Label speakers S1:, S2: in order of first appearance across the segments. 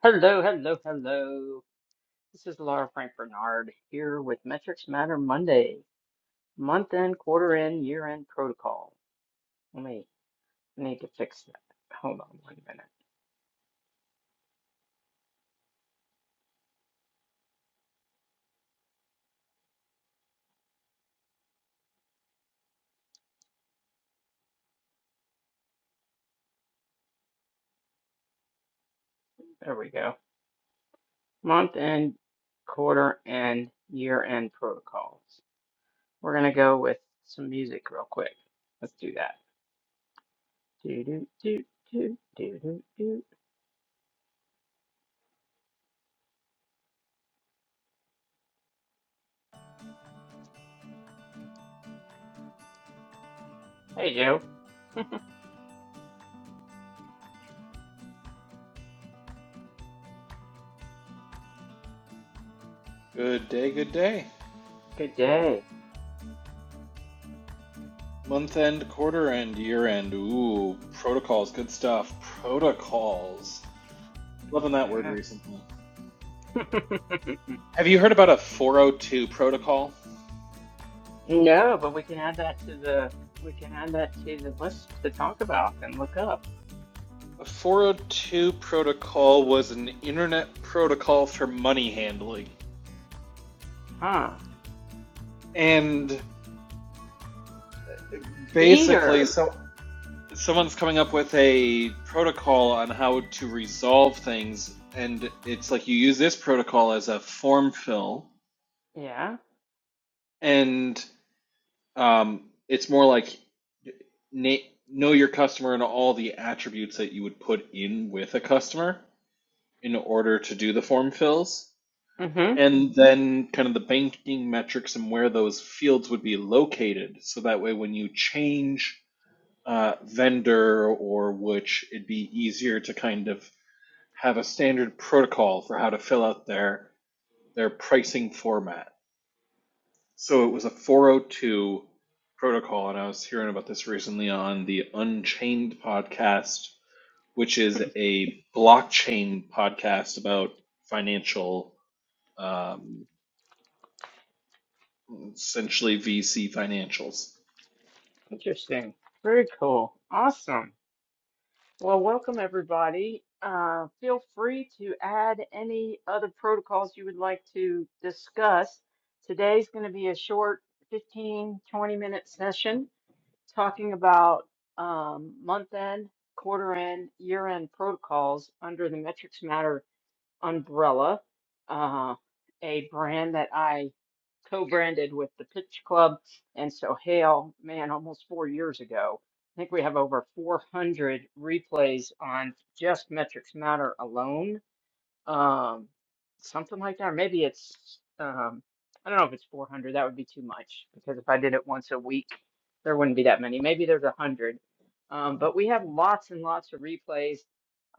S1: Hello, hello, hello. This is Laura Frank Bernard here with Metrics Matter Monday, month end, quarter end, year end protocol. Let me I need to fix that. Hold on one minute. There we go. Month end, quarter end, year end protocols. We're gonna go with some music real quick. Let's do that. Do do do do do do do. Hey Joe.
S2: Good day, good day.
S1: Good day.
S2: Month end, quarter end, year end. Ooh, protocols, good stuff. Protocols. Loving that word recently. Have you heard about a 402 protocol?
S1: No, but we can add that to the we can add that to the list to talk about and look up.
S2: A 402 protocol was an internet protocol for money handling.
S1: Huh.
S2: And basically,
S1: Peter.
S2: so someone's coming up with a protocol on how to resolve things, and it's like you use this protocol as a form fill,
S1: Yeah.
S2: and Um, it's more like na- know your customer and all the attributes that you would put in with a customer in order to do the form fills,
S1: Mm-hmm.
S2: and then kind of the banking metrics and where those fields would be located. So that way, when you change uh, vendor or which, it'd be easier to kind of have a standard protocol for how to fill out their their pricing format. So it was a 402 protocol, and I was hearing about this recently on the Unchained podcast, which is a blockchain podcast about financial, um, essentially VC financials.
S1: Interesting. Very cool. Awesome. Well, welcome everybody. Uh, feel free to add any other protocols you would like to discuss. Today's going to be a short 15 20 minute session talking about um, month end, quarter end, year end protocols under the Metrics Matter umbrella, uh, a brand that I co-branded with the Pitch Club and Sohail, man, almost four years ago. I think we have over 400 replays on just Metrics Matter alone um, something like that, or maybe it's um, I don't know if it's 400. That would be too much because if I did it once a week, there wouldn't be that many. Maybe there's a hundred. Um, but we have lots and lots of replays,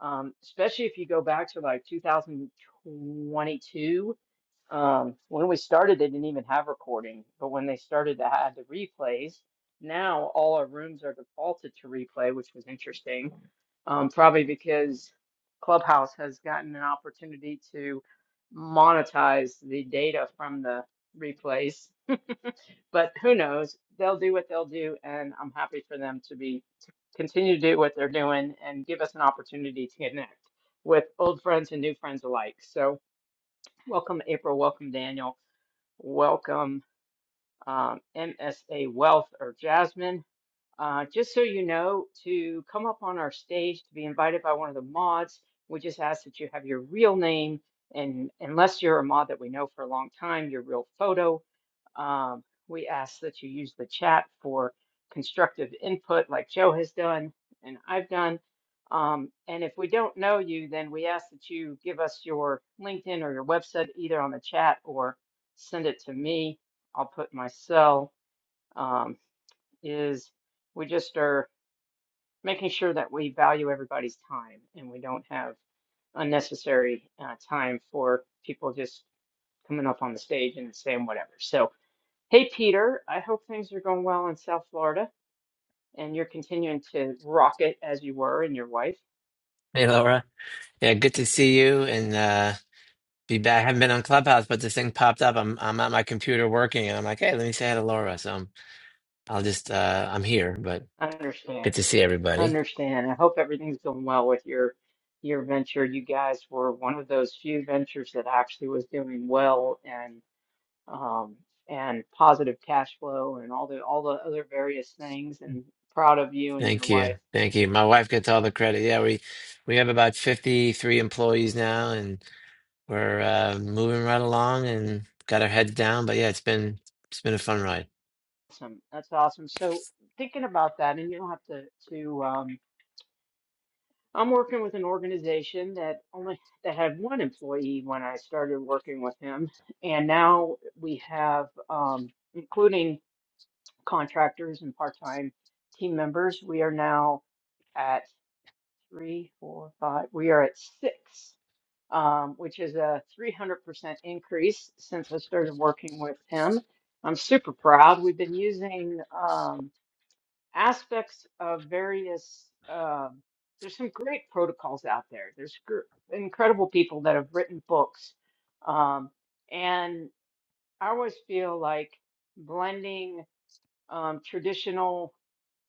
S1: um, especially if you go back to like 2022. Um, when we started, they didn't even have recording, but when they started to have the replays, now all our rooms are defaulted to replay, which was interesting. Um, probably because Clubhouse has gotten an opportunity to monetize the data from the replays. But who knows? They'll do what they'll do, and I'm happy for them to be to continue to do what they're doing and give us an opportunity to connect with old friends and new friends alike. So, welcome, April. Welcome, Daniel. Welcome, um, MSA Wealth or Jasmine. Uh, just so you know, to come up on our stage to be invited by one of the mods, we just ask that you have your real name and unless you're a mod that we know for a long time, your real photo. Um, we ask that you use the chat for constructive input like Joe has done and I've done. Um, and if we don't know you, then we ask that you give us your LinkedIn or your website either on the chat or send it to me. I'll put my cell. Um, is we just are making sure that we value everybody's time and we don't have unnecessary uh, time for people just coming up on the stage and saying whatever. So, hey, Peter, I hope things are going well in South Florida and you're continuing to rock it as you were and your wife.
S3: Hey Laura. Yeah, good
S1: Hmm,
S3: to see you and uh be back. I haven't been on Clubhouse, but this thing popped up. I'm I'm at my computer working and I'm like, hey, let me say hi to Laura. So I'm I'll just uh I'm here, but
S1: I
S3: good
S1: understand.
S3: to see everybody.
S1: understand. I hope everything's going well with your your venture. You guys were one of those few ventures that actually was doing well and um, and positive cash flow and all the all the other various things and proud of you and your
S3: Thank you.
S1: wife.
S3: Thank you. My wife gets all the credit. Yeah, we we have about 53 employees now and we're uh moving right along and got our heads down, but yeah, it's been it's been a fun ride.
S1: Awesome. That's awesome. So thinking about that and you don't have to to um I'm working with an organization that only that had one employee when I started working with him and now we have um including contractors and part-time team members, we are now at three, four, five, we are at six um, which is a 300% increase since I started working with him. I'm super proud. We've been using um, aspects of various, um, there's some great protocols out there. There's gr- incredible people that have written books. Um, and I always feel like blending um, traditional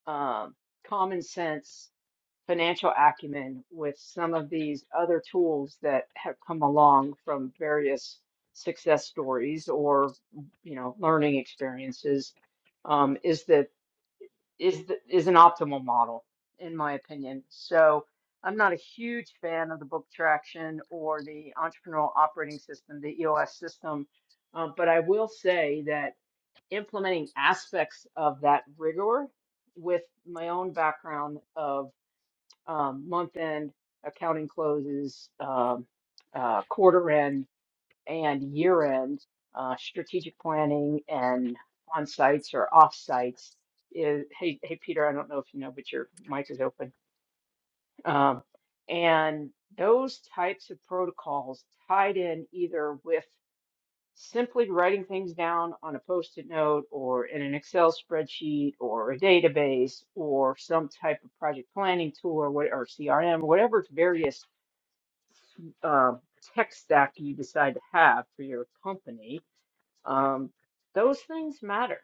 S1: um, common sense financial acumen with some of these other tools that have come along from various success stories or mm, you know learning experiences um, is the is the, is an optimal model in my opinion. So I'm not a huge fan of the book traction or the entrepreneurial operating system, the EOS system, uh, but I will say that implementing aspects of that rigor with my own background of um, month end accounting closes, um, uh, quarter end and year end, uh, strategic planning and on sites or off sites is, hey, hey, Peter, I don't know if you know, but your mic is open. Um, and those types of protocols tied in either with simply writing things down on a post-it note or in an Excel spreadsheet or a database or some type of project planning tool or what or CRM, whatever various uh, tech stack you decide to have for your company, um, those things matter.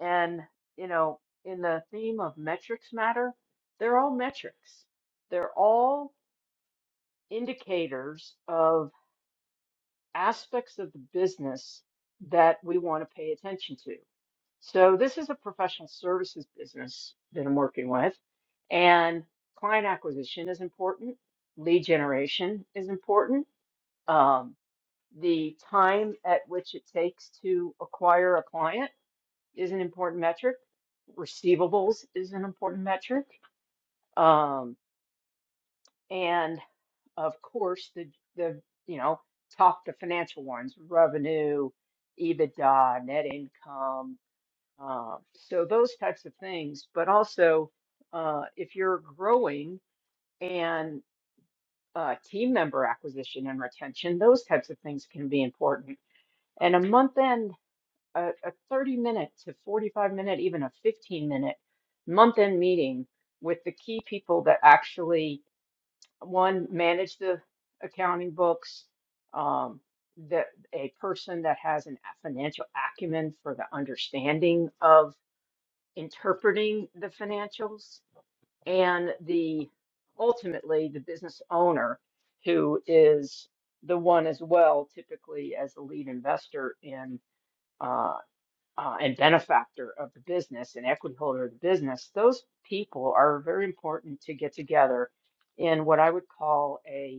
S1: And you know, in the theme of metrics matter, they're all metrics. They're all indicators of aspects of the business that we want to pay attention to. So this is a professional services business that I'm working with, and client acquisition is important. Lead generation is important. Um, the time at which it takes to acquire a client is an important metric. Receivables is an important metric, um, and of course the the you know top the financial ones: revenue, EBITDA, net income. Uh, so those types of things, but also uh, if you're growing and uh, team member acquisition and retention, those types of things can be important. And a month end, a, a 30 minute to 45 minute, even a 15 minute month end meeting with the key people that actually one manage the accounting books, um, that a person that has an a financial acumen for the understanding of interpreting the financials and the ultimately the business owner who is the one as well typically as the lead investor in uh, uh, and benefactor of the business and equity holder of the business those people are very important to get together in what i would call a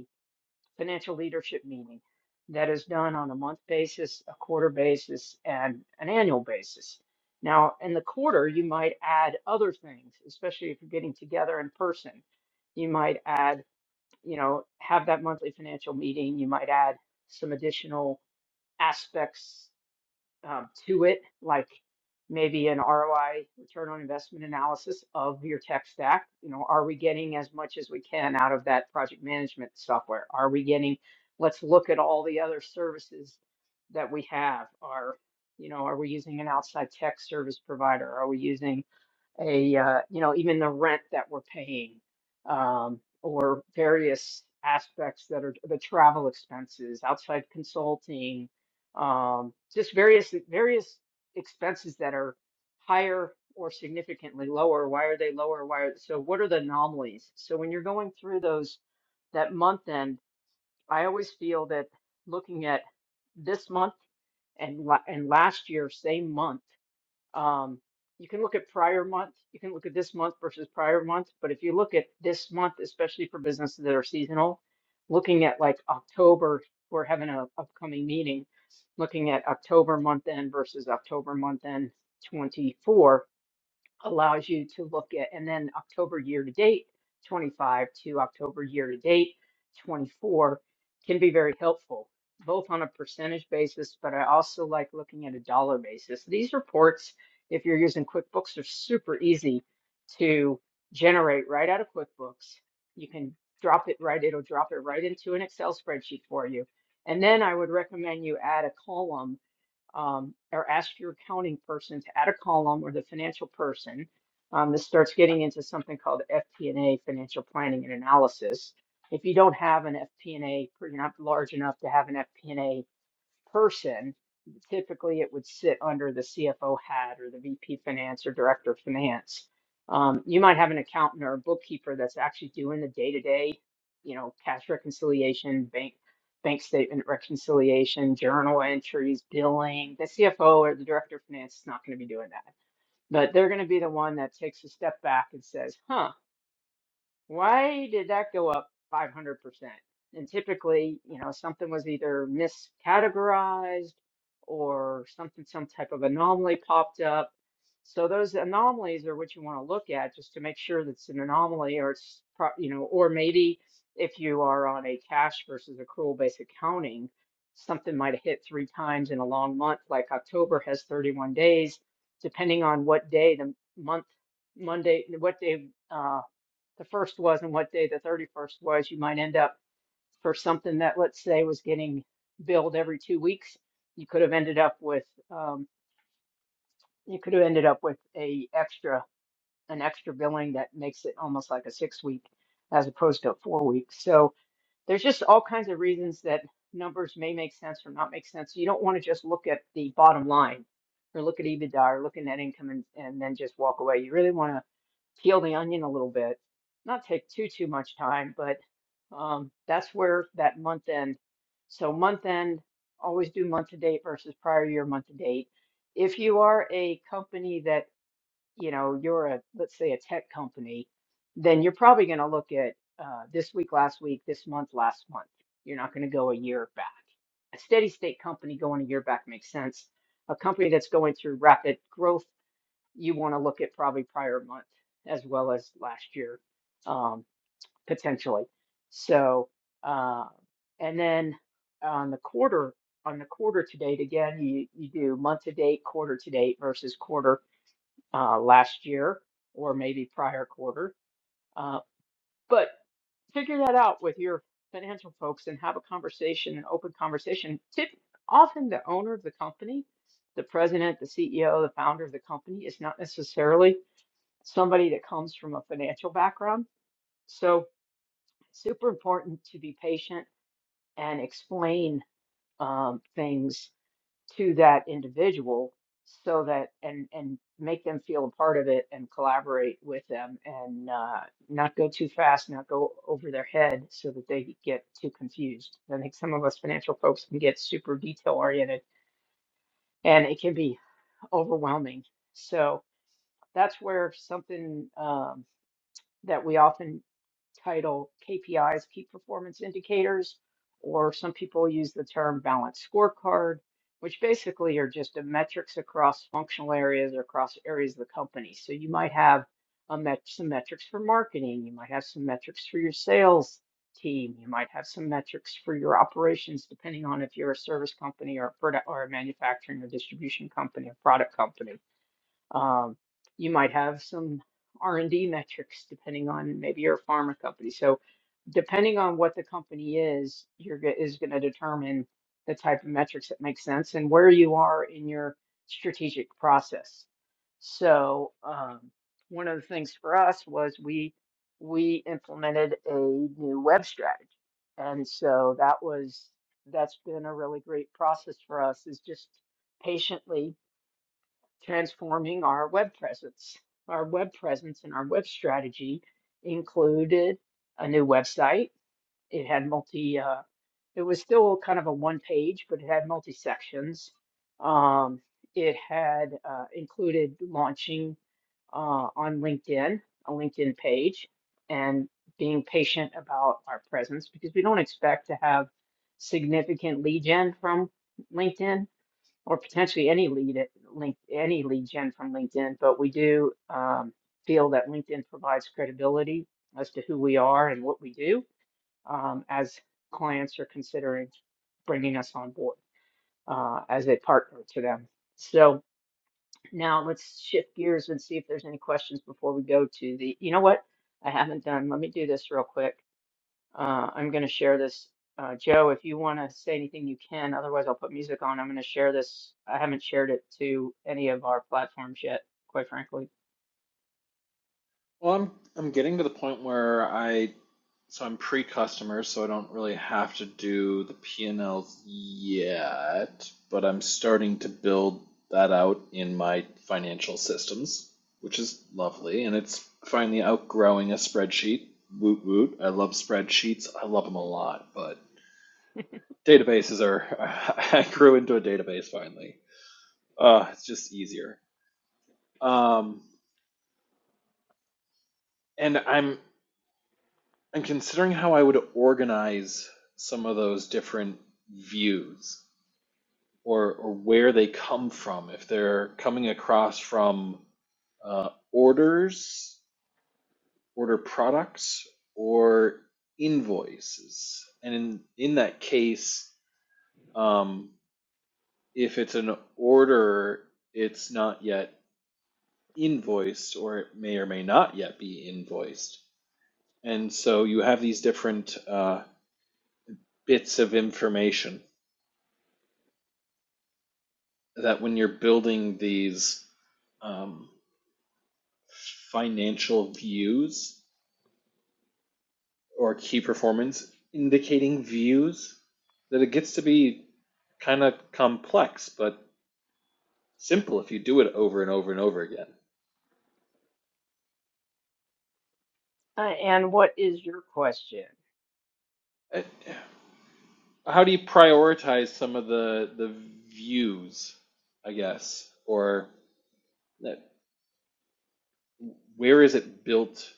S1: financial leadership meeting that is done on a month basis, a quarter basis, and an annual basis. Now, in the quarter, you might add other things, especially if you're getting together in person. You might add, you know, have that monthly financial meeting. You might add some additional aspects um, to it, like maybe an ROI, return on investment analysis of your tech stack. You know, are we getting as much as we can out of that project management software? Are we getting, let's look at all the other services that we have. Are, you know, are we using an outside tech service provider? Are we using a uh, you know even the rent that we're paying um, or various aspects that are the travel expenses outside consulting um, just various various expenses that are higher or significantly lower why are they lower why are so what are the anomalies so when you're going through those that month end I always feel that looking at this month and la and last year same month um, you can look at prior month, you can look at this month versus prior month, but if you look at this month, especially for businesses that are seasonal, looking at like October, we're having an upcoming meeting, looking at October month end versus October month end 24 allows you to look at, and then October year to date 25 to October year to date 24 can be very helpful, both on a percentage basis, but I also like looking at a dollar basis. These reports, if you're using QuickBooks, are super easy to generate right out of QuickBooks. You can drop it right, it'll drop it right into an Excel spreadsheet for you. And then I would recommend you add a column um, or ask your accounting person to add a column or the financial person. Um, this starts getting into something called FP&A, financial planning and analysis. If you don't have an FP&A, or you're not large enough to have an FP&A person, typically it would sit under the CFO hat or the VP finance or director of finance. Um, you might have an accountant or a bookkeeper that's actually doing the day-to-day, you know, cash reconciliation, bank bank statement reconciliation, journal entries, billing. The CFO or the director of finance is not going to be doing that, but they're going to be the one that takes a step back and says, "Huh, why did that go up 500%? And typically, you know, something was either miscategorized or something, some type of anomaly popped up. So those anomalies are what you want to look at just to make sure that's an anomaly or it's, pro- you know, or maybe if you are on a cash versus accrual based accounting, something might have hit three times in a long month, like October has 31 days, depending on what day the month, Monday, what day uh, the first was and what day the 31st was, you might end up for something that, let's say, was getting billed every two weeks, you could have ended up with um, you could have ended up with a extra an extra billing that makes it almost like a six week as opposed to a four week. So there's just all kinds of reasons that numbers may make sense or not make sense. You don't want to just look at the bottom line or look at EBITDA or look at net income and, and then just walk away. You really want to peel the onion a little bit. Not take too too much time, but um, that's where that month end. So month end, always do month to date versus prior year month to date. If you are a company that you know you're a let's say a tech company, then you're probably going to look at uh, this week, last week, this month, last month. You're not going to go a year back. A steady state company going a year back makes sense. A company that's going through rapid growth you want to look at probably prior month as well as last year, um, potentially. So, uh, and then on the quarter, on the quarter to date, again, you, you do month to date, quarter to date versus quarter uh, last year or maybe prior quarter. Uh, but figure that out with your financial folks and have a conversation, an open conversation. Tip, often the owner of the company, the president, the CEO, the founder of the company is not necessarily somebody that comes from a financial background. So, super important to be patient and explain um, things to that individual so that and and make them feel a part of it and collaborate with them and uh, not go too fast, not go over their head so that they get too confused. I think some of us financial folks can get super detail oriented and it can be overwhelming. So that's where something um, that we often title KPIs, key performance indicators, or some people use the term balanced scorecard, which basically are just the metrics across functional areas or across areas of the company. So you might have a met- some metrics for marketing, you might have some metrics for your sales team, you might have some metrics for your operations, depending on if you're a service company or a product or a manufacturing or distribution company or product company um, you might have some R&D metrics depending on maybe you're a pharma company. So depending on what the company is, you're go- is going to determine the type of metrics that make sense and where you are in your strategic process. So um, one of the things for us was we we implemented a new web strategy, and so that was that's been a really great process for us is just patiently transforming our web presence. Our web presence and our web strategy included a new website. It had multi, uh, it was still kind of a one page, but it had multi sections. Um, it had uh, included launching uh, on LinkedIn, a LinkedIn page, and being patient about our presence because we don't expect to have significant lead gen from LinkedIn or potentially any lead at link any lead gen from LinkedIn, but we do um, feel that LinkedIn provides credibility as to who we are and what we do um, as clients are considering bringing us on board uh, as a partner to them. So now let's shift gears and see if there's any questions before we go to the. You know what? I haven't done. Let me do this real quick. Uh, I'm going to share this. Uh, Joe, if you want to say anything, you can. Otherwise, I'll put music on. I'm going to share this. I haven't shared it to any of our platforms yet, quite frankly.
S2: Well, I'm I'm getting to the point where I so I'm pre-customer, so I don't really have to do the P&Ls yet, but I'm starting to build that out in my financial systems, which is lovely, and it's finally outgrowing a spreadsheet. Woot woot. I love spreadsheets. I love them a lot, but databases are I grew into a database finally. Uh, it's just easier. Um, and I'm and considering how I would organize some of those different views or, or where they come from, if they're coming across from uh, orders, order products, or invoices. And in, in that case, um, if it's an order, it's not yet invoiced, or it may or may not yet be invoiced. And so you have these different uh, bits of information that when you're building these um, financial views or key performance indicating views, that it gets to be kind of complex, but simple if you do it over and over and over again.
S1: Uh, and what is your question?
S2: I- How do you prioritize some of the the views, I guess, or that, where is it built?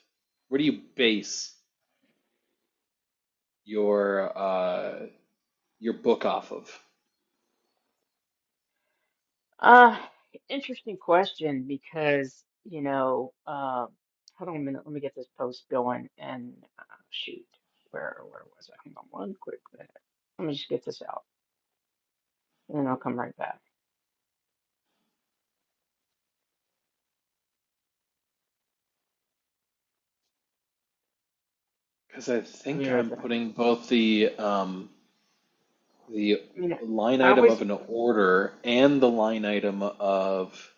S2: Where do you base your uh, your book off of?
S1: Uh, interesting question because, you know, uh, hold on a minute. Let me get this post going. And uh, shoot, where where was I? Hang on one quick minute. Let me just get this out, and then I'll come right back.
S2: Because I
S1: I'll be
S2: think
S1: right
S2: I'm
S1: there.
S2: putting both the um, the
S1: I mean,
S2: line
S1: I
S2: item
S1: always
S2: of an order and the line item of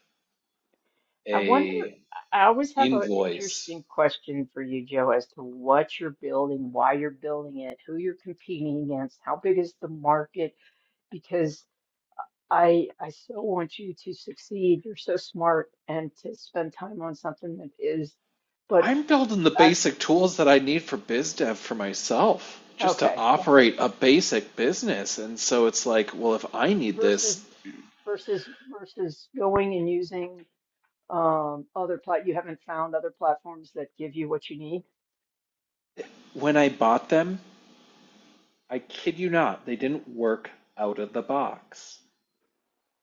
S1: I wonder,
S2: a
S1: I always have an
S2: invoice.
S1: interesting question for you, Joe, as to what you're building, why you're building it, who you're competing against, how big is the market? Because I I so want you to succeed. You're so smart and to spend time on something that is, but
S2: I'm building the
S1: I
S2: basic tools that I need for biz dev for myself, just to
S1: okay,
S2: operate a basic business. And so it's like, well, if I need this,
S1: versus versus versus going and using um other plat you haven't found other platforms that give you what you need.
S2: when I bought them, I kid you not, they didn't work out of the box.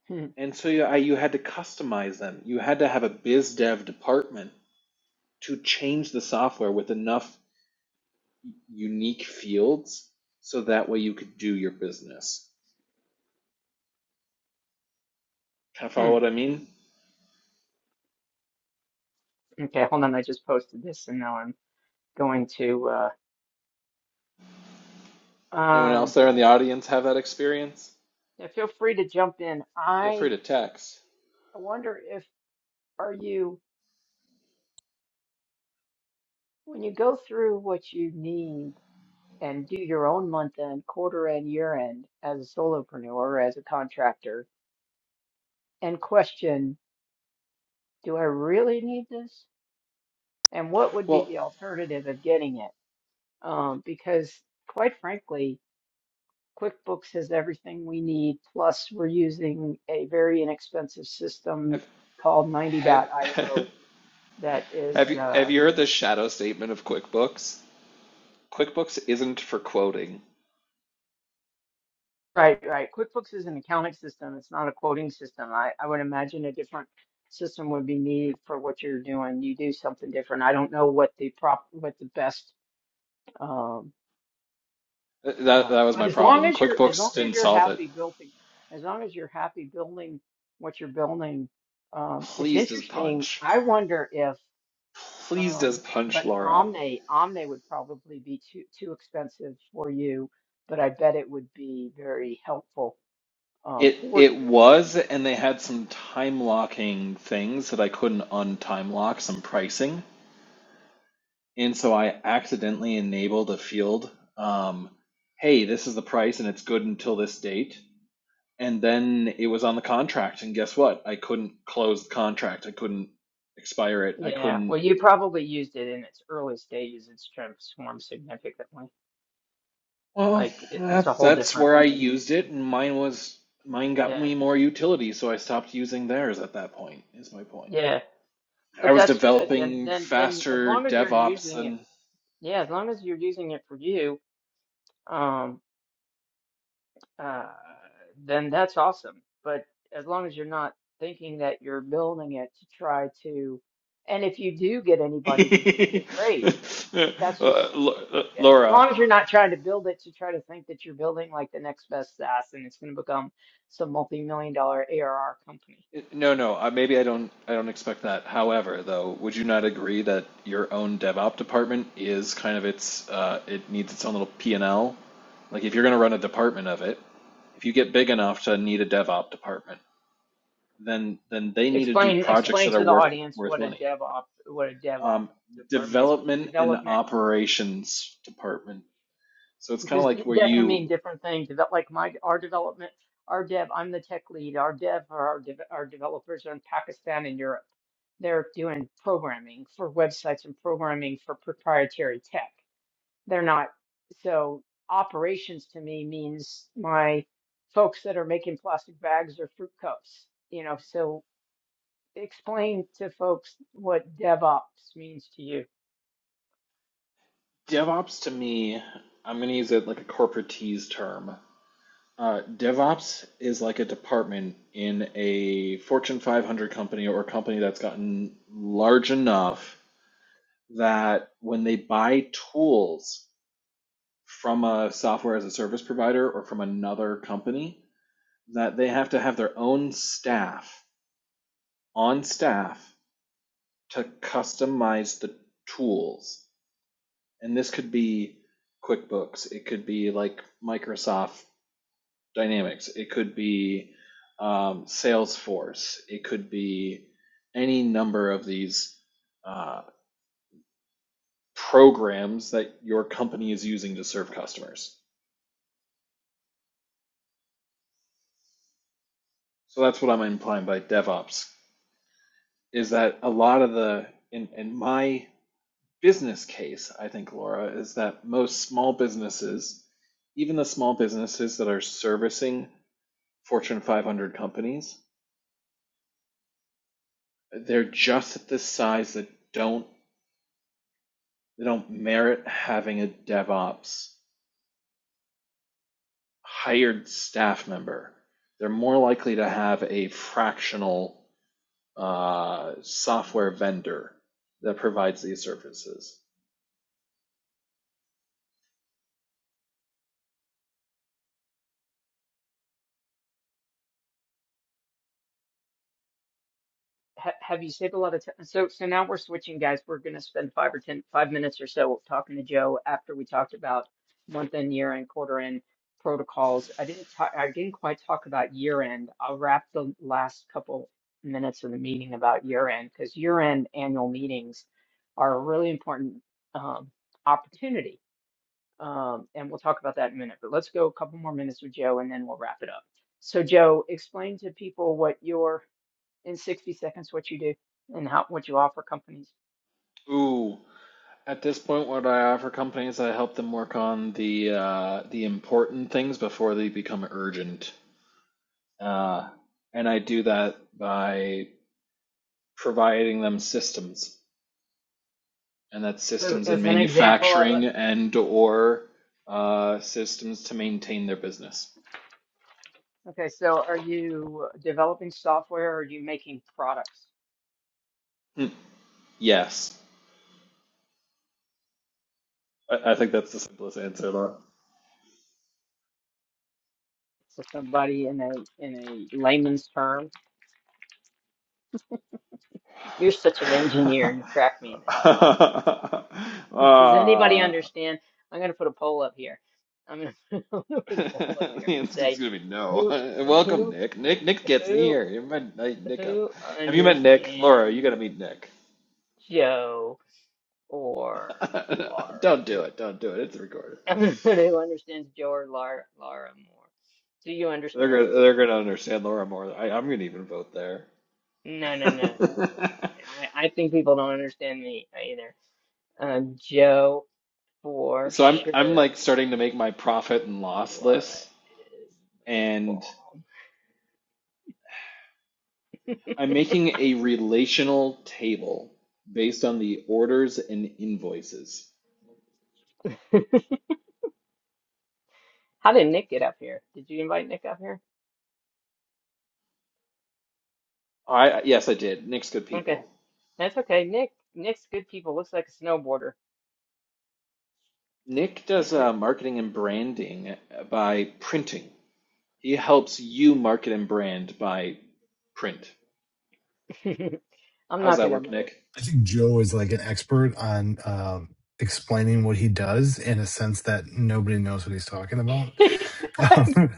S1: Hmm,
S2: And so you, I, you had to customize them. You had to have a biz dev department to change the software with enough unique fields so that way you could do your business. Kind of follow
S1: hmm.
S2: what I mean?
S1: Okay, hold on. I just posted this and now I'm going to uh,
S2: Anyone
S1: um,
S2: else there in the audience have that experience?
S1: yeah, feel free to jump in.
S2: Feel
S1: I
S2: free to text.
S1: wonder if are you when you go through what you need and do your own month end, quarter end, year end as a solopreneur or as a contractor and question, do I really need this? And what would be
S2: Well,
S1: the alternative of getting it? Um, because quite frankly, QuickBooks has everything we need. Plus, we're using a very inexpensive system
S2: have
S1: called
S2: have
S1: 90.io that
S2: have
S1: is
S2: you have
S1: uh,
S2: you heard the shadow statement of QuickBooks? QuickBooks isn't for quoting.
S1: right, right. QuickBooks is an accounting system. It's not a quoting system. I, I would imagine a different system would be needed for what you're doing. You do something different. I don't know what the prop, what the best, um,
S2: That
S1: uh,
S2: that was
S1: but
S2: my
S1: as long
S2: problem.
S1: as you're, as long
S2: QuickBooks
S1: as
S2: didn't
S1: you're
S2: solve it.
S1: happy building, as long as you're happy building what you're building, um, it's
S2: Pleased as
S1: interesting.
S2: punch.
S1: I wonder if,
S2: Pleased
S1: um,
S2: as punch,
S1: but
S2: Laura.
S1: Omni, Omni would probably be too too expensive for you but I bet it would be very helpful um,
S2: It
S1: for
S2: it
S1: you.
S2: was, and they had some time locking things that I couldn't untime lock, some pricing. And so I accidentally enabled a field, um, hey, this is the price and it's good until this date. And then it was on the contract, and guess what? I couldn't close the contract. I couldn't expire it. I
S1: Yeah,
S2: couldn't.
S1: well, you probably used it in its early stages. It's transformed significantly.
S2: Well,
S1: Like it, it's a
S2: that's
S1: whole
S2: that's
S1: different.
S2: where I used it, and mine was mine got
S1: Yeah,
S2: me more utility, so I stopped using theirs at that point, is my point.
S1: yeah,
S2: I
S1: but
S2: was
S1: that's good. Then,
S2: developing
S1: then, then, as
S2: faster
S1: long as you're
S2: DevOps
S1: using it,
S2: than
S1: yeah, as long as you're using it for you, um, uh, then that's awesome. But as long as you're not thinking that you're building it to try to, and if you do get anybody to use it, great. That's
S2: Uh,
S1: just
S2: uh,
S1: as
S2: Laura.
S1: long as you're not trying to build it to try to think that you're building like the next best SaaS and it's going to become some multi-million dollar ARR company.
S2: No, no. Uh, maybe I don't. I don't expect that. However, though, would you not agree that your own DevOps department is kind of its? Uh, it needs its own little P and L. Like if you're going to run a department of it, if you get big enough to need a DevOps department, then then they need to do
S1: Explain
S2: projects
S1: explain
S2: that are
S1: to the
S2: work
S1: audience
S2: worth
S1: what a
S2: money.
S1: DevOps what a DevOps
S2: Um,
S1: department is because
S2: development and
S1: development
S2: operations department So it's kind of
S1: because
S2: like where
S1: that can mean
S2: you
S1: different things. Develop like my our development our dev I'm the tech lead. Our dev or our dev, our developers are in Pakistan and Europe. They're doing programming for websites and programming for proprietary tech They're not. So operations to me means my folks that are making plastic bags or fruit cups, you know, so explain to folks what DevOps means to you.
S2: DevOps to me, I'm going to use it like a corporatese term. Uh, DevOps is like a department in a Fortune 500 company or a company that's gotten large enough that when they buy tools from a software as a service provider or from another company, that they have to have their own staff on staff to customize the tools And this could be QuickBooks. It could be like Microsoft Dynamics. It could be um, Salesforce. It could be any number of these uh, programs that your company is using to serve customers. So that's what I'm implying by DevOps is that a lot of the, in, in my business case, I think, Laura, is that most small businesses, even the small businesses that are servicing Fortune 500 companies, They're just at this size that don't they don't merit having a DevOps hired staff member. They're more likely to have a fractional uh, software vendor that provides these services.
S1: ha have you saved a lot of time? So, so now we're switching, guys. We're going to spend five or ten, five minutes or so talking to Joe after we talked about month end, year end, quarter end protocols. I didn't talk, I didn't quite talk about year end. I'll wrap the last couple minutes of the meeting about year end because year end annual meetings are a really important um, opportunity. Um, and we'll talk about that in a minute, but let's go a couple more minutes with Joe and then we'll wrap it up. So, Joe, explain to people what your in 60 seconds what you do and how what you offer companies.
S2: Ooh, at this point, what I offer companies, I help them work on the uh, the important things before they become urgent, uh, and I do that by providing them systems. and that's
S1: So
S2: systems in
S1: as an example of
S2: manufacturing
S1: it,
S2: and or uh, systems to maintain their business.
S1: okay, so are you developing software or are you making products?
S2: Hmm. Yes, I, I think that's the simplest answer. Laura.
S1: So somebody in a in a layman's term, you're such an engineer, you crack me the hell up. Does anybody
S2: uh,
S1: understand? I'm gonna put a poll up here. I'm gonna, I'm gonna put a poll up
S2: the
S1: here and
S2: answer's
S1: say
S2: gonna be no.
S1: who
S2: Welcome,
S1: who
S2: Nick. Nick, Nick gets me
S1: who
S2: here. You met I- Nick up.
S1: who
S2: Have you met Nick? Laura, you
S1: understands
S2: gotta meet Nick.
S1: Joe or Laura?
S2: don't do it. Don't do it. It's recorded.
S1: who understands Joe or Lara, Lara more. Do you
S2: They're
S1: understand?
S2: gonna they're gonna understand Laura more. I, I'm gonna even vote there.
S1: No, no, no, no, no. no. I, I think people don't understand me either. Um, Joe for
S2: So I'm I'm
S1: sure.
S2: like starting to make my profit and loss
S1: Lara
S2: lists,
S1: is
S2: and
S1: bomb.
S2: I'm making a relational table based on the orders and invoices.
S1: How did Nick get up here? Did you invite Nick up here?
S2: I yes, I did. Nick's good
S1: Okay,
S2: people.
S1: that's okay. Nick, Nick's good people. Looks like a snowboarder.
S2: Nick does
S1: Nick,
S2: uh, marketing and branding by printing. He helps you market and brand by print.
S1: I'm
S2: How's
S1: not
S2: that
S1: gonna
S2: work,
S1: vote.
S2: Nick?
S4: I think Joe is like an expert on um, explaining what he does in a sense that nobody knows what he's talking about. Um,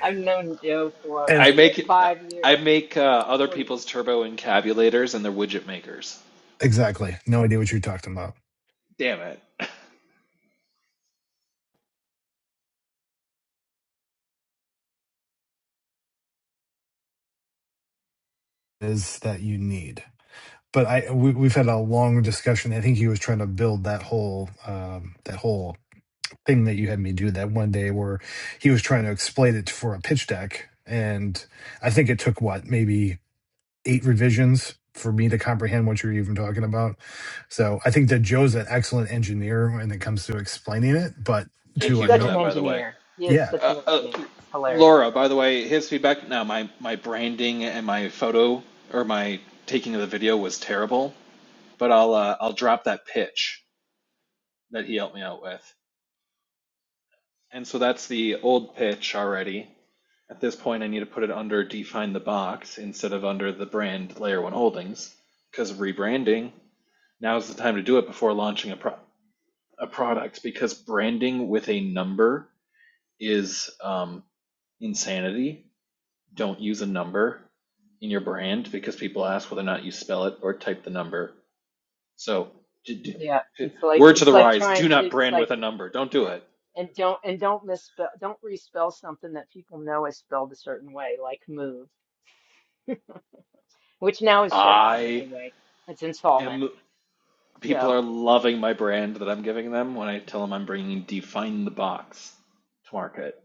S1: I've known Joe for
S4: and
S2: I make
S1: five
S2: I
S1: years,
S2: make uh, other
S1: four years.
S2: people's turbo encabulators and their widget makers.
S4: exactly, no idea what you're talking about
S2: Damn it!
S4: is that you need. But I we, we've had a long discussion. I think he was trying to build that whole um, that whole thing that you had me do that one day where he was trying to explain it for a pitch deck, and I think it took what maybe eight revisions for me to comprehend what you're even talking about. So I think that Joe's an excellent engineer when it comes to explaining it, but
S2: Thank
S1: He's
S4: to
S2: you
S4: a
S2: for
S1: such
S4: no,
S1: an
S2: that, by the way.
S1: engineer. He is
S4: yeah,
S1: such
S2: Uh,
S1: an
S2: uh,
S1: engineer. It's hilarious.
S2: Laura, by the way, his feedback. Now, my my branding and my photo or my taking of the video was terrible, but I'll uh, I'll drop that pitch that he helped me out with. And so that's the old pitch already. At this point, I need to put it under define the box instead of under the brand layer one holdings because of rebranding. Now's the time to do it before launching a pro- a product because branding with a number is um, insanity don't use a number in your brand because people ask whether or not you spell it or type the number. So, d-
S1: Yeah,
S2: d-
S1: it's like
S2: word to
S1: it's
S2: the
S1: like
S2: rise:
S1: trying
S2: do
S1: to.
S2: not
S1: It's
S2: brand
S1: like
S2: with a number. Don't do
S1: yeah,
S2: it.
S1: and don't and don't misspell. Don't respell something that people know is spelled a certain way, like move, which now is shut down
S2: I
S1: anyway. It's insolvent.
S2: am. People
S1: So
S2: are loving my brand that I'm giving them when I tell them I'm bringing "Define the Box" to market.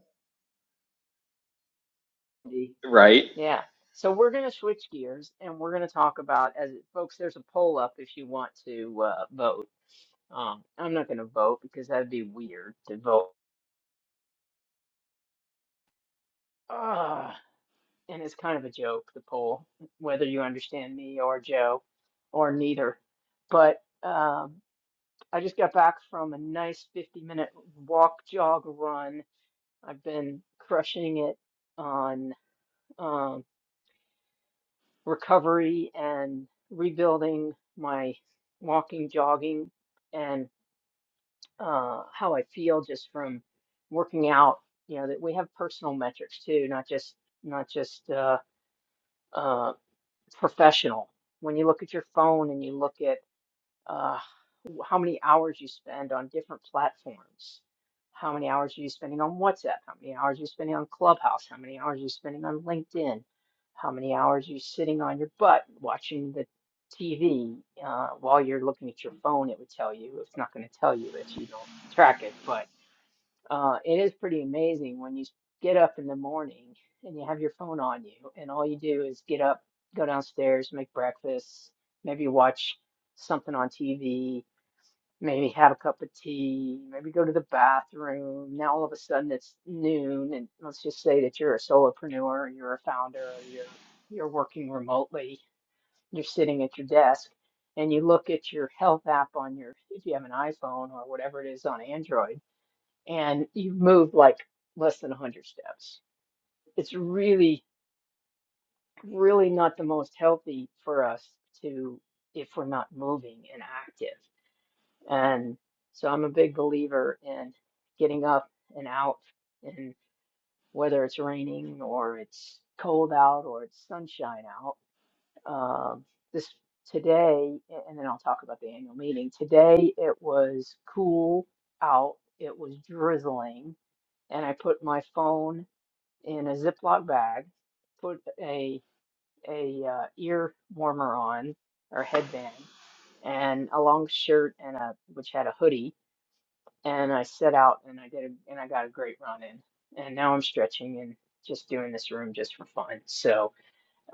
S1: the-
S2: Right?
S1: yeah. So we're gonna switch gears and we're gonna talk about as folks. There's a poll up if you want to uh, vote. Um, I'm not gonna vote because that'd be weird to vote. Ah. and it's kind of a joke, the poll, whether you understand me or Joe or neither. But um, I just got back from a nice 50 minute walk, jog, run. I've been crushing it on um, recovery and rebuilding my walking, jogging, and uh, how I feel just from working out. You know, that we have personal metrics too, not just not just uh, uh, It's professional. When you look at your phone and you look at uh, how many hours you spend on different platforms, how many hours are you spending on WhatsApp, how many hours are you spending on Clubhouse, how many hours are you spending on LinkedIn, how many hours are you sitting on your butt watching the TV uh, while you're looking at your phone, it would tell you. It's not going to tell you if you don't track it, but. Uh, it is pretty amazing when you get up in the morning and you have your phone on you, and all you do is get up, go downstairs, make breakfast, maybe watch something on TV, maybe have a cup of tea, maybe go to the bathroom. Now all of a sudden it's noon, and let's just say that you're a solopreneur, you're a founder, you're you're working remotely, you're sitting at your desk, and you look at your health app on your if you have an iPhone or whatever it is on Android and you've moved like less than 100 steps. It's really, really not the most healthy for us to, if we're not moving and active. And so I'm a big believer in getting up and out, and whether it's raining or it's cold out or it's sunshine out. Um, this today, a- and then I'll talk about the annual meeting. Today it was cool out, it was drizzling, and I put my phone in a Ziploc bag, put a a uh, ear warmer on or headband, and a long shirt and a which had a hoodie, and I set out and I did a, and I got a great run in, and now I'm stretching and just doing this room just for fun. So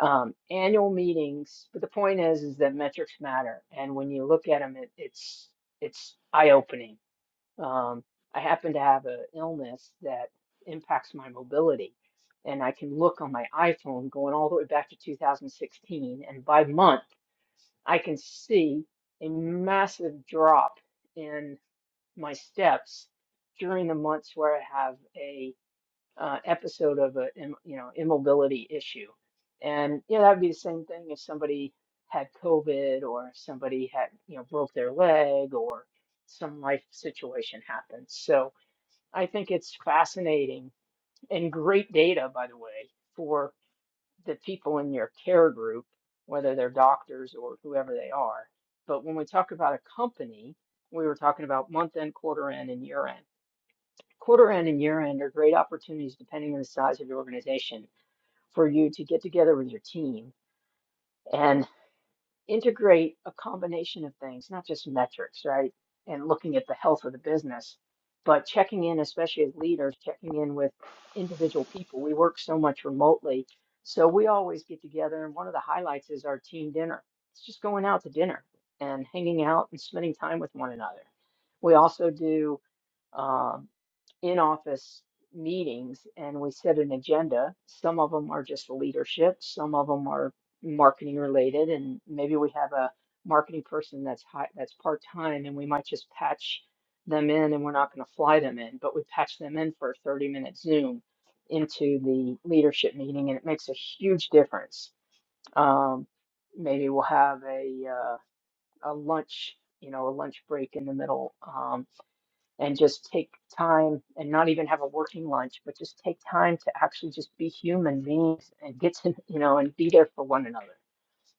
S1: um, annual meetings, but the point is is that metrics matter, and when you look at them, it, it's it's eye opening um, I happen to have an illness that impacts my mobility, and I can look on my iPhone going all the way back to 2016, and by month, I can see a massive drop in my steps during the months where I have a uh, episode of a im- you know immobility issue. And you know that would be the same thing if somebody had COVID or somebody had you know broke their leg or some life situation happened. So I think it's fascinating and great data, by the way, for the people in your care group, whether they're doctors or whoever they are. But when we talk about a company, we were talking about month end, quarter end, and year end. Quarter end and year end are great opportunities, depending on the size of your organization, for you to get together with your team and. integrate a combination of things, not just metrics, right? And looking at the health of the business, but checking in, especially as leaders, checking in with individual people. We work so much remotely. So we always get together, and one of the highlights is our team dinner. It's just going out to dinner and hanging out and spending time with one another. We also do um, in office meetings and we set an agenda. Some of them are just leadership, some of them are marketing related, and maybe we have a marketing person that's high, that's part time, and we might just patch them in, and we're not going to fly them in, but we patch them in for a 30 minute Zoom into the leadership meeting, and it makes a huge difference. Um, maybe we'll have a uh, a lunch, you know, a lunch break in the middle. Um, and just take time and not even have a working lunch, but just take time to actually just be human beings and get to, you know, and be there for one another.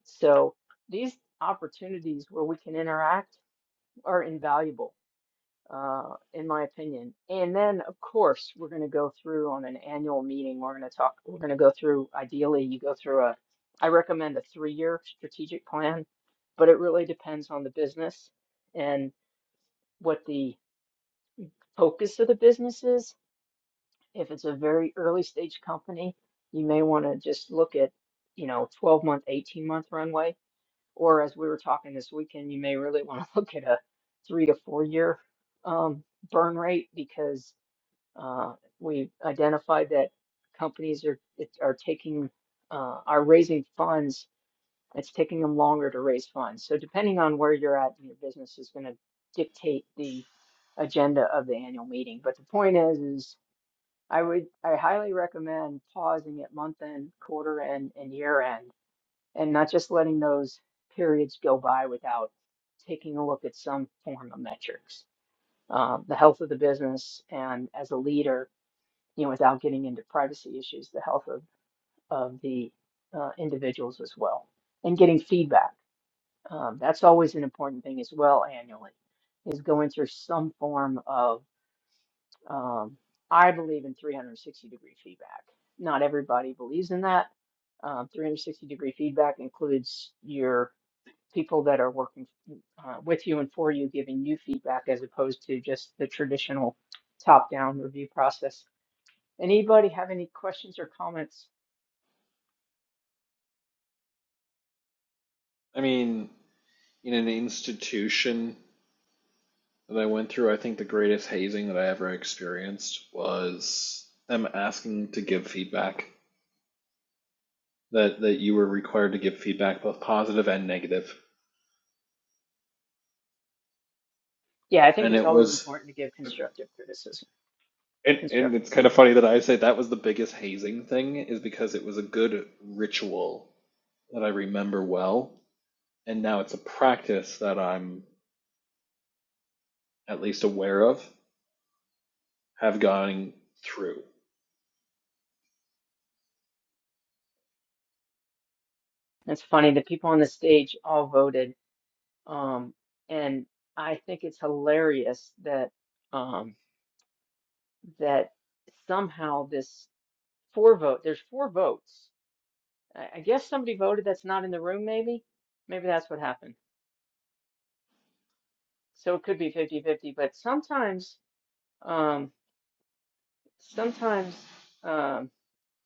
S1: So these opportunities where we can interact are invaluable, uh, in my opinion. And then, of course, we're going to go through on an annual meeting. We're going to talk, we're going to go through, ideally, you go through a, I recommend a three-year strategic plan, but it really depends on the business and what the focus of the business is If it's a very early stage company, you may want to just look at, you know, 12 month, 18 month runway. Or as we were talking this weekend, you may really want to look at a three to four year um, burn rate because uh, we identified that companies are it, are taking uh, are raising funds. It's taking them longer to raise funds. So depending on where you're at in your business is going to dictate the agenda of the annual meeting. But the point is, is I would, I highly recommend pausing at month end, quarter end, and year end, and not just letting those periods go by without taking a look at some form of metrics. Um, the health of the business, and as a leader, you know, without getting into privacy issues, the health of, of the uh, individuals as well, and getting feedback. Um, that's always an important thing as well annually, is going through some form of um, I believe in 360 degree feedback. Not everybody believes in that. Um, 360 degree feedback includes your people that are working uh, with you and for you, giving you feedback as opposed to just the traditional top down review process. Anybody have any questions or comments?
S2: I mean, in an institution that I went through, I think the greatest hazing that I ever experienced was them asking to give feedback that that you were required to give feedback, both positive and negative.
S1: Yeah, I think
S2: And
S1: it's
S2: it
S1: always
S2: was,
S1: important to give constructive criticism,
S2: and, and
S1: constructive
S2: it's kind of funny
S1: feedback.
S2: that I say that was the biggest hazing thing, is because it was a good ritual that I remember well, and now it's a practice that I'm at least aware of, have gone through.
S1: It's funny, the people on the stage all voted. Um, and I think it's hilarious that. um, that somehow this four vote, there's four votes. I, I guess somebody voted that's not in the room, maybe. Maybe that's what happened. So it could be fifty-fifty. but sometimes, um, sometimes um,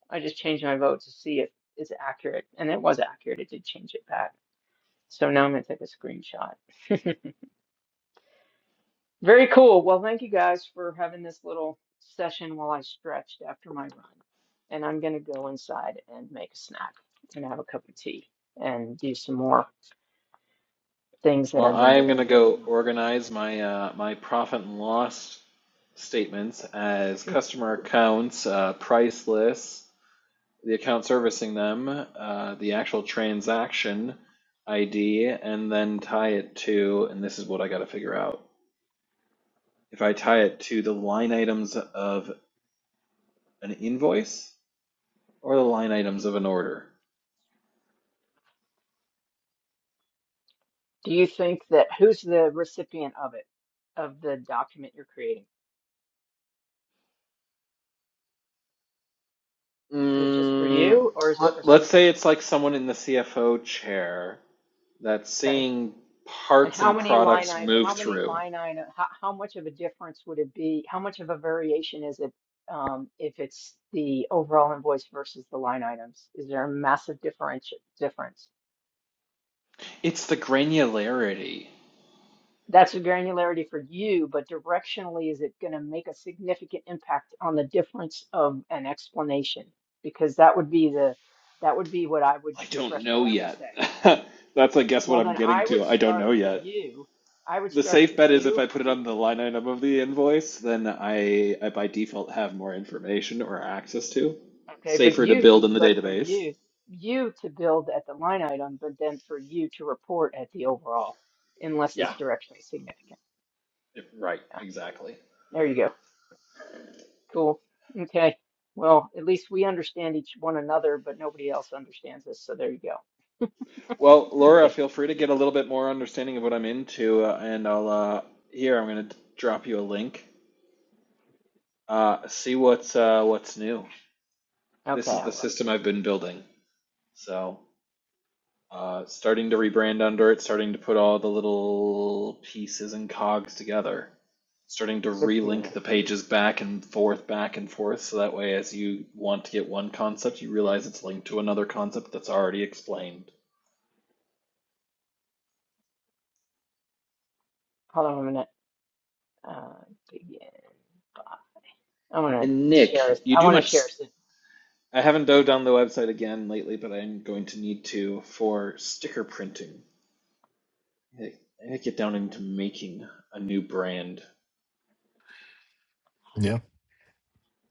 S1: I just change my vote to see if it's accurate, and it was accurate. It did change it back. So now I'm gonna take a screenshot. Very cool. Well, thank you guys for having this little session while I stretched after my run. And I'm going to go inside and make a snack and have a cup of tea and do some more things that
S2: Well,
S1: I've been
S2: I am
S1: doing,
S2: gonna
S1: working
S2: go
S1: on.
S2: organize my uh, my profit and loss statements as customer accounts, uh, price lists the account servicing them, uh, the actual transaction ID, and then tie it to, and this is what I got to figure out. If I tie it to the line items of an invoice or the line items of an order.
S1: Do you think that who's the recipient of it, of the document you're creating? Is it just for
S2: Mm,
S1: you or is it for
S2: let, let's
S1: somebody
S2: say
S1: else?
S2: it's like someone in the CFO chair that's
S1: Okay.
S2: seeing
S1: And
S2: parts
S1: how
S2: and
S1: many line
S2: products
S1: item,
S2: move
S1: how many
S2: through.
S1: line item, how, how much of a difference would it be? How much of a variation is it um, if it's the overall invoice versus the line items? Is there a massive difference difference?
S2: It's the granularity.
S1: That's a granularity for you, but directionally, is it going to make a significant impact on the difference of an explanation? Because that would be the that would be what I would
S2: I
S1: the
S2: don't know
S1: threshold I would
S2: yet.
S1: say.
S2: that's, I guess, what
S1: Well,
S2: I'm
S1: then
S2: getting
S1: I
S2: to.
S1: would
S2: I don't
S1: start
S2: know
S1: for
S2: yet.
S1: you. I would
S2: The
S1: start
S2: safe
S1: for
S2: bet is
S1: you
S2: if I put it on the line item of the invoice, then I, I by default have more information or access to.
S1: Okay, but
S2: Safer to
S1: you,
S2: build in the
S1: but for
S2: database.
S1: you, you to build at the line item, but then for you to report at the overall, unless
S2: Yeah,
S1: it's directionally significant.
S2: right,
S1: Yeah,
S2: exactly.
S1: there you go. Cool. Okay. Well, at least we understand each one another, but nobody else understands us. So there you go.
S2: Well, Laura,
S1: Okay.
S2: feel free to get a little bit more understanding of what I'm into, uh, and I'll uh, here I'm going to drop you a link. Uh, see what's uh, what's new.
S1: Okay.
S2: This is the
S1: Well,
S2: system I've been building. So. Uh, starting to rebrand under it, starting to put all the little pieces and cogs together, starting to
S1: good for
S2: relink
S1: you.
S2: the pages back and forth, back and forth, so that way, as you want to get one concept, you realize it's linked to another concept that's already explained.
S1: Hold on a minute. Uh, yeah, I want
S2: And
S1: to share. a-
S2: Nick, you
S1: I
S2: do
S1: want to
S2: much.
S1: share. a-
S2: I haven't dove down the website again lately, but I'm going to need to for sticker printing. I I get down into making a new brand.
S4: yeah,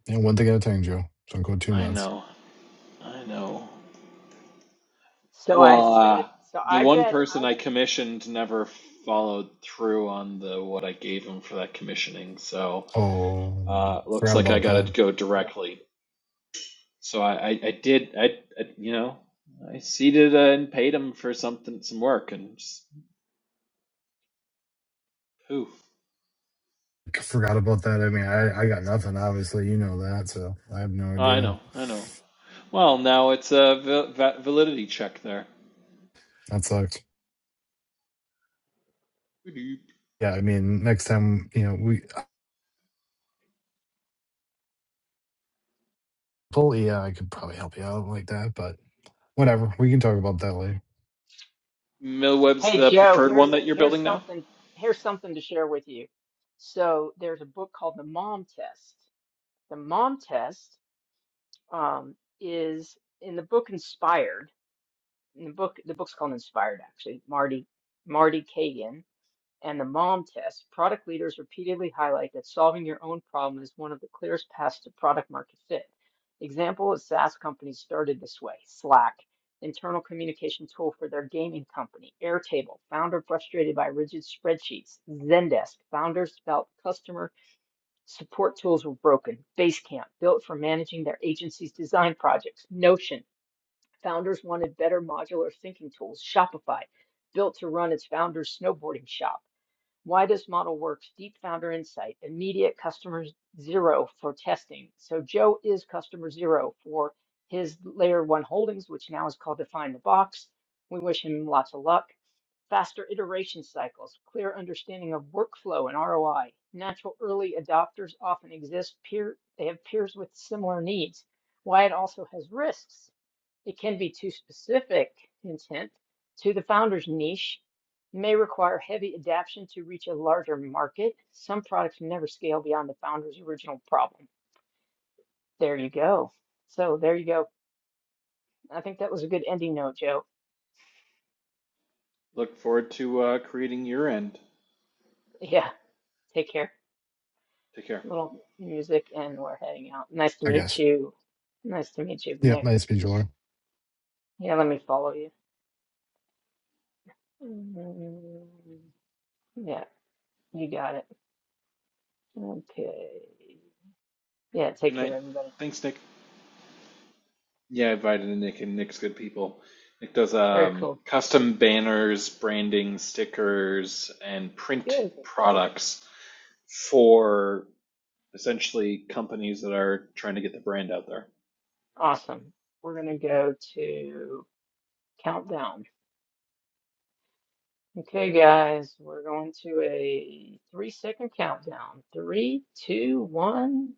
S4: yeah. One thing at a time, Joe. Don't go too
S2: I
S4: nuts.
S2: know, I know.
S1: So I
S2: Well,
S1: said.
S2: uh,
S1: So
S2: the
S1: I
S2: one
S1: bet.
S2: person I commissioned never followed through on the what I gave him for that commissioning, so
S4: Oh,
S2: uh, looks
S4: forgot
S2: like I
S4: about
S2: got to
S4: that.
S2: go directly. So I, I, I did, I, I, you know, I seated uh, and paid him for something, some work, and just, poof.
S4: Forgot about that. I mean, I, I got nothing. Obviously, you know that, so I have no
S2: Oh, I
S4: idea.
S2: know, I know. Well, now it's a val- va- validity check there.
S4: That sucked. Yeah, I mean, next time, you know, we Well, yeah, I could probably help you out like that, but whatever. We can talk about that later,
S2: Millweb's
S1: Hey
S2: the
S1: Joe,
S2: preferred one
S1: here's
S2: that you're
S1: here's
S2: building now.
S1: something here's something to share with you. So there's a book called The Mom Test. The Mom Test um, is in the book Inspired. In the book, the book's called Inspired actually. Marty Marty Kagan and the MOM test, product leaders repeatedly highlight that solving your own problem is one of the clearest paths to product market fit. Example is SaaS companies started this way Slack, internal communication tool for their gaming company, Airtable, founder frustrated by rigid spreadsheets, Zendesk, founders felt customer support tools were broken, Basecamp, built for managing their agency's design projects, Notion, founders wanted better modular thinking tools, Shopify, built to run its founder's snowboarding shop. Why this model works, deep founder insight, immediate customer zero for testing. So Joe is customer zero for his layer one holdings, which now is called Define the Box. We wish him lots of luck. Faster iteration cycles, clear understanding of workflow and ROI. Natural early adopters often exist peer they have peers with similar needs. Why it also has risks. It can be too specific intent to the founder's niche, may require heavy adaptation to reach a larger market. Some products never scale beyond the founder's original problem. There you go. So there you go. I think that was a good ending note, Joe.
S2: Look forward to uh, creating your end.
S1: Yeah, take care.
S2: Take care.
S1: Little music and we're heading out. Nice to
S4: I
S1: meet
S4: guess.
S1: you. Nice to meet you,
S4: Yep,
S1: Nick.
S4: nice to meet you, Laura.
S1: Yeah, let me follow you. Mm, Yeah, you got it. Okay. Yeah,
S2: Good
S1: take
S2: night.
S1: care, everybody.
S2: Thanks, Nick. Yeah, I invited Nick, and Nick's good people. Nick does
S1: Very
S2: um,
S1: cool.
S2: custom banners, branding, stickers, and print
S1: Good.
S2: products for essentially companies that are trying to get the brand out there.
S1: Awesome. We're going to go to countdown. Okay, guys, we're going to a three second countdown. Three, two, one.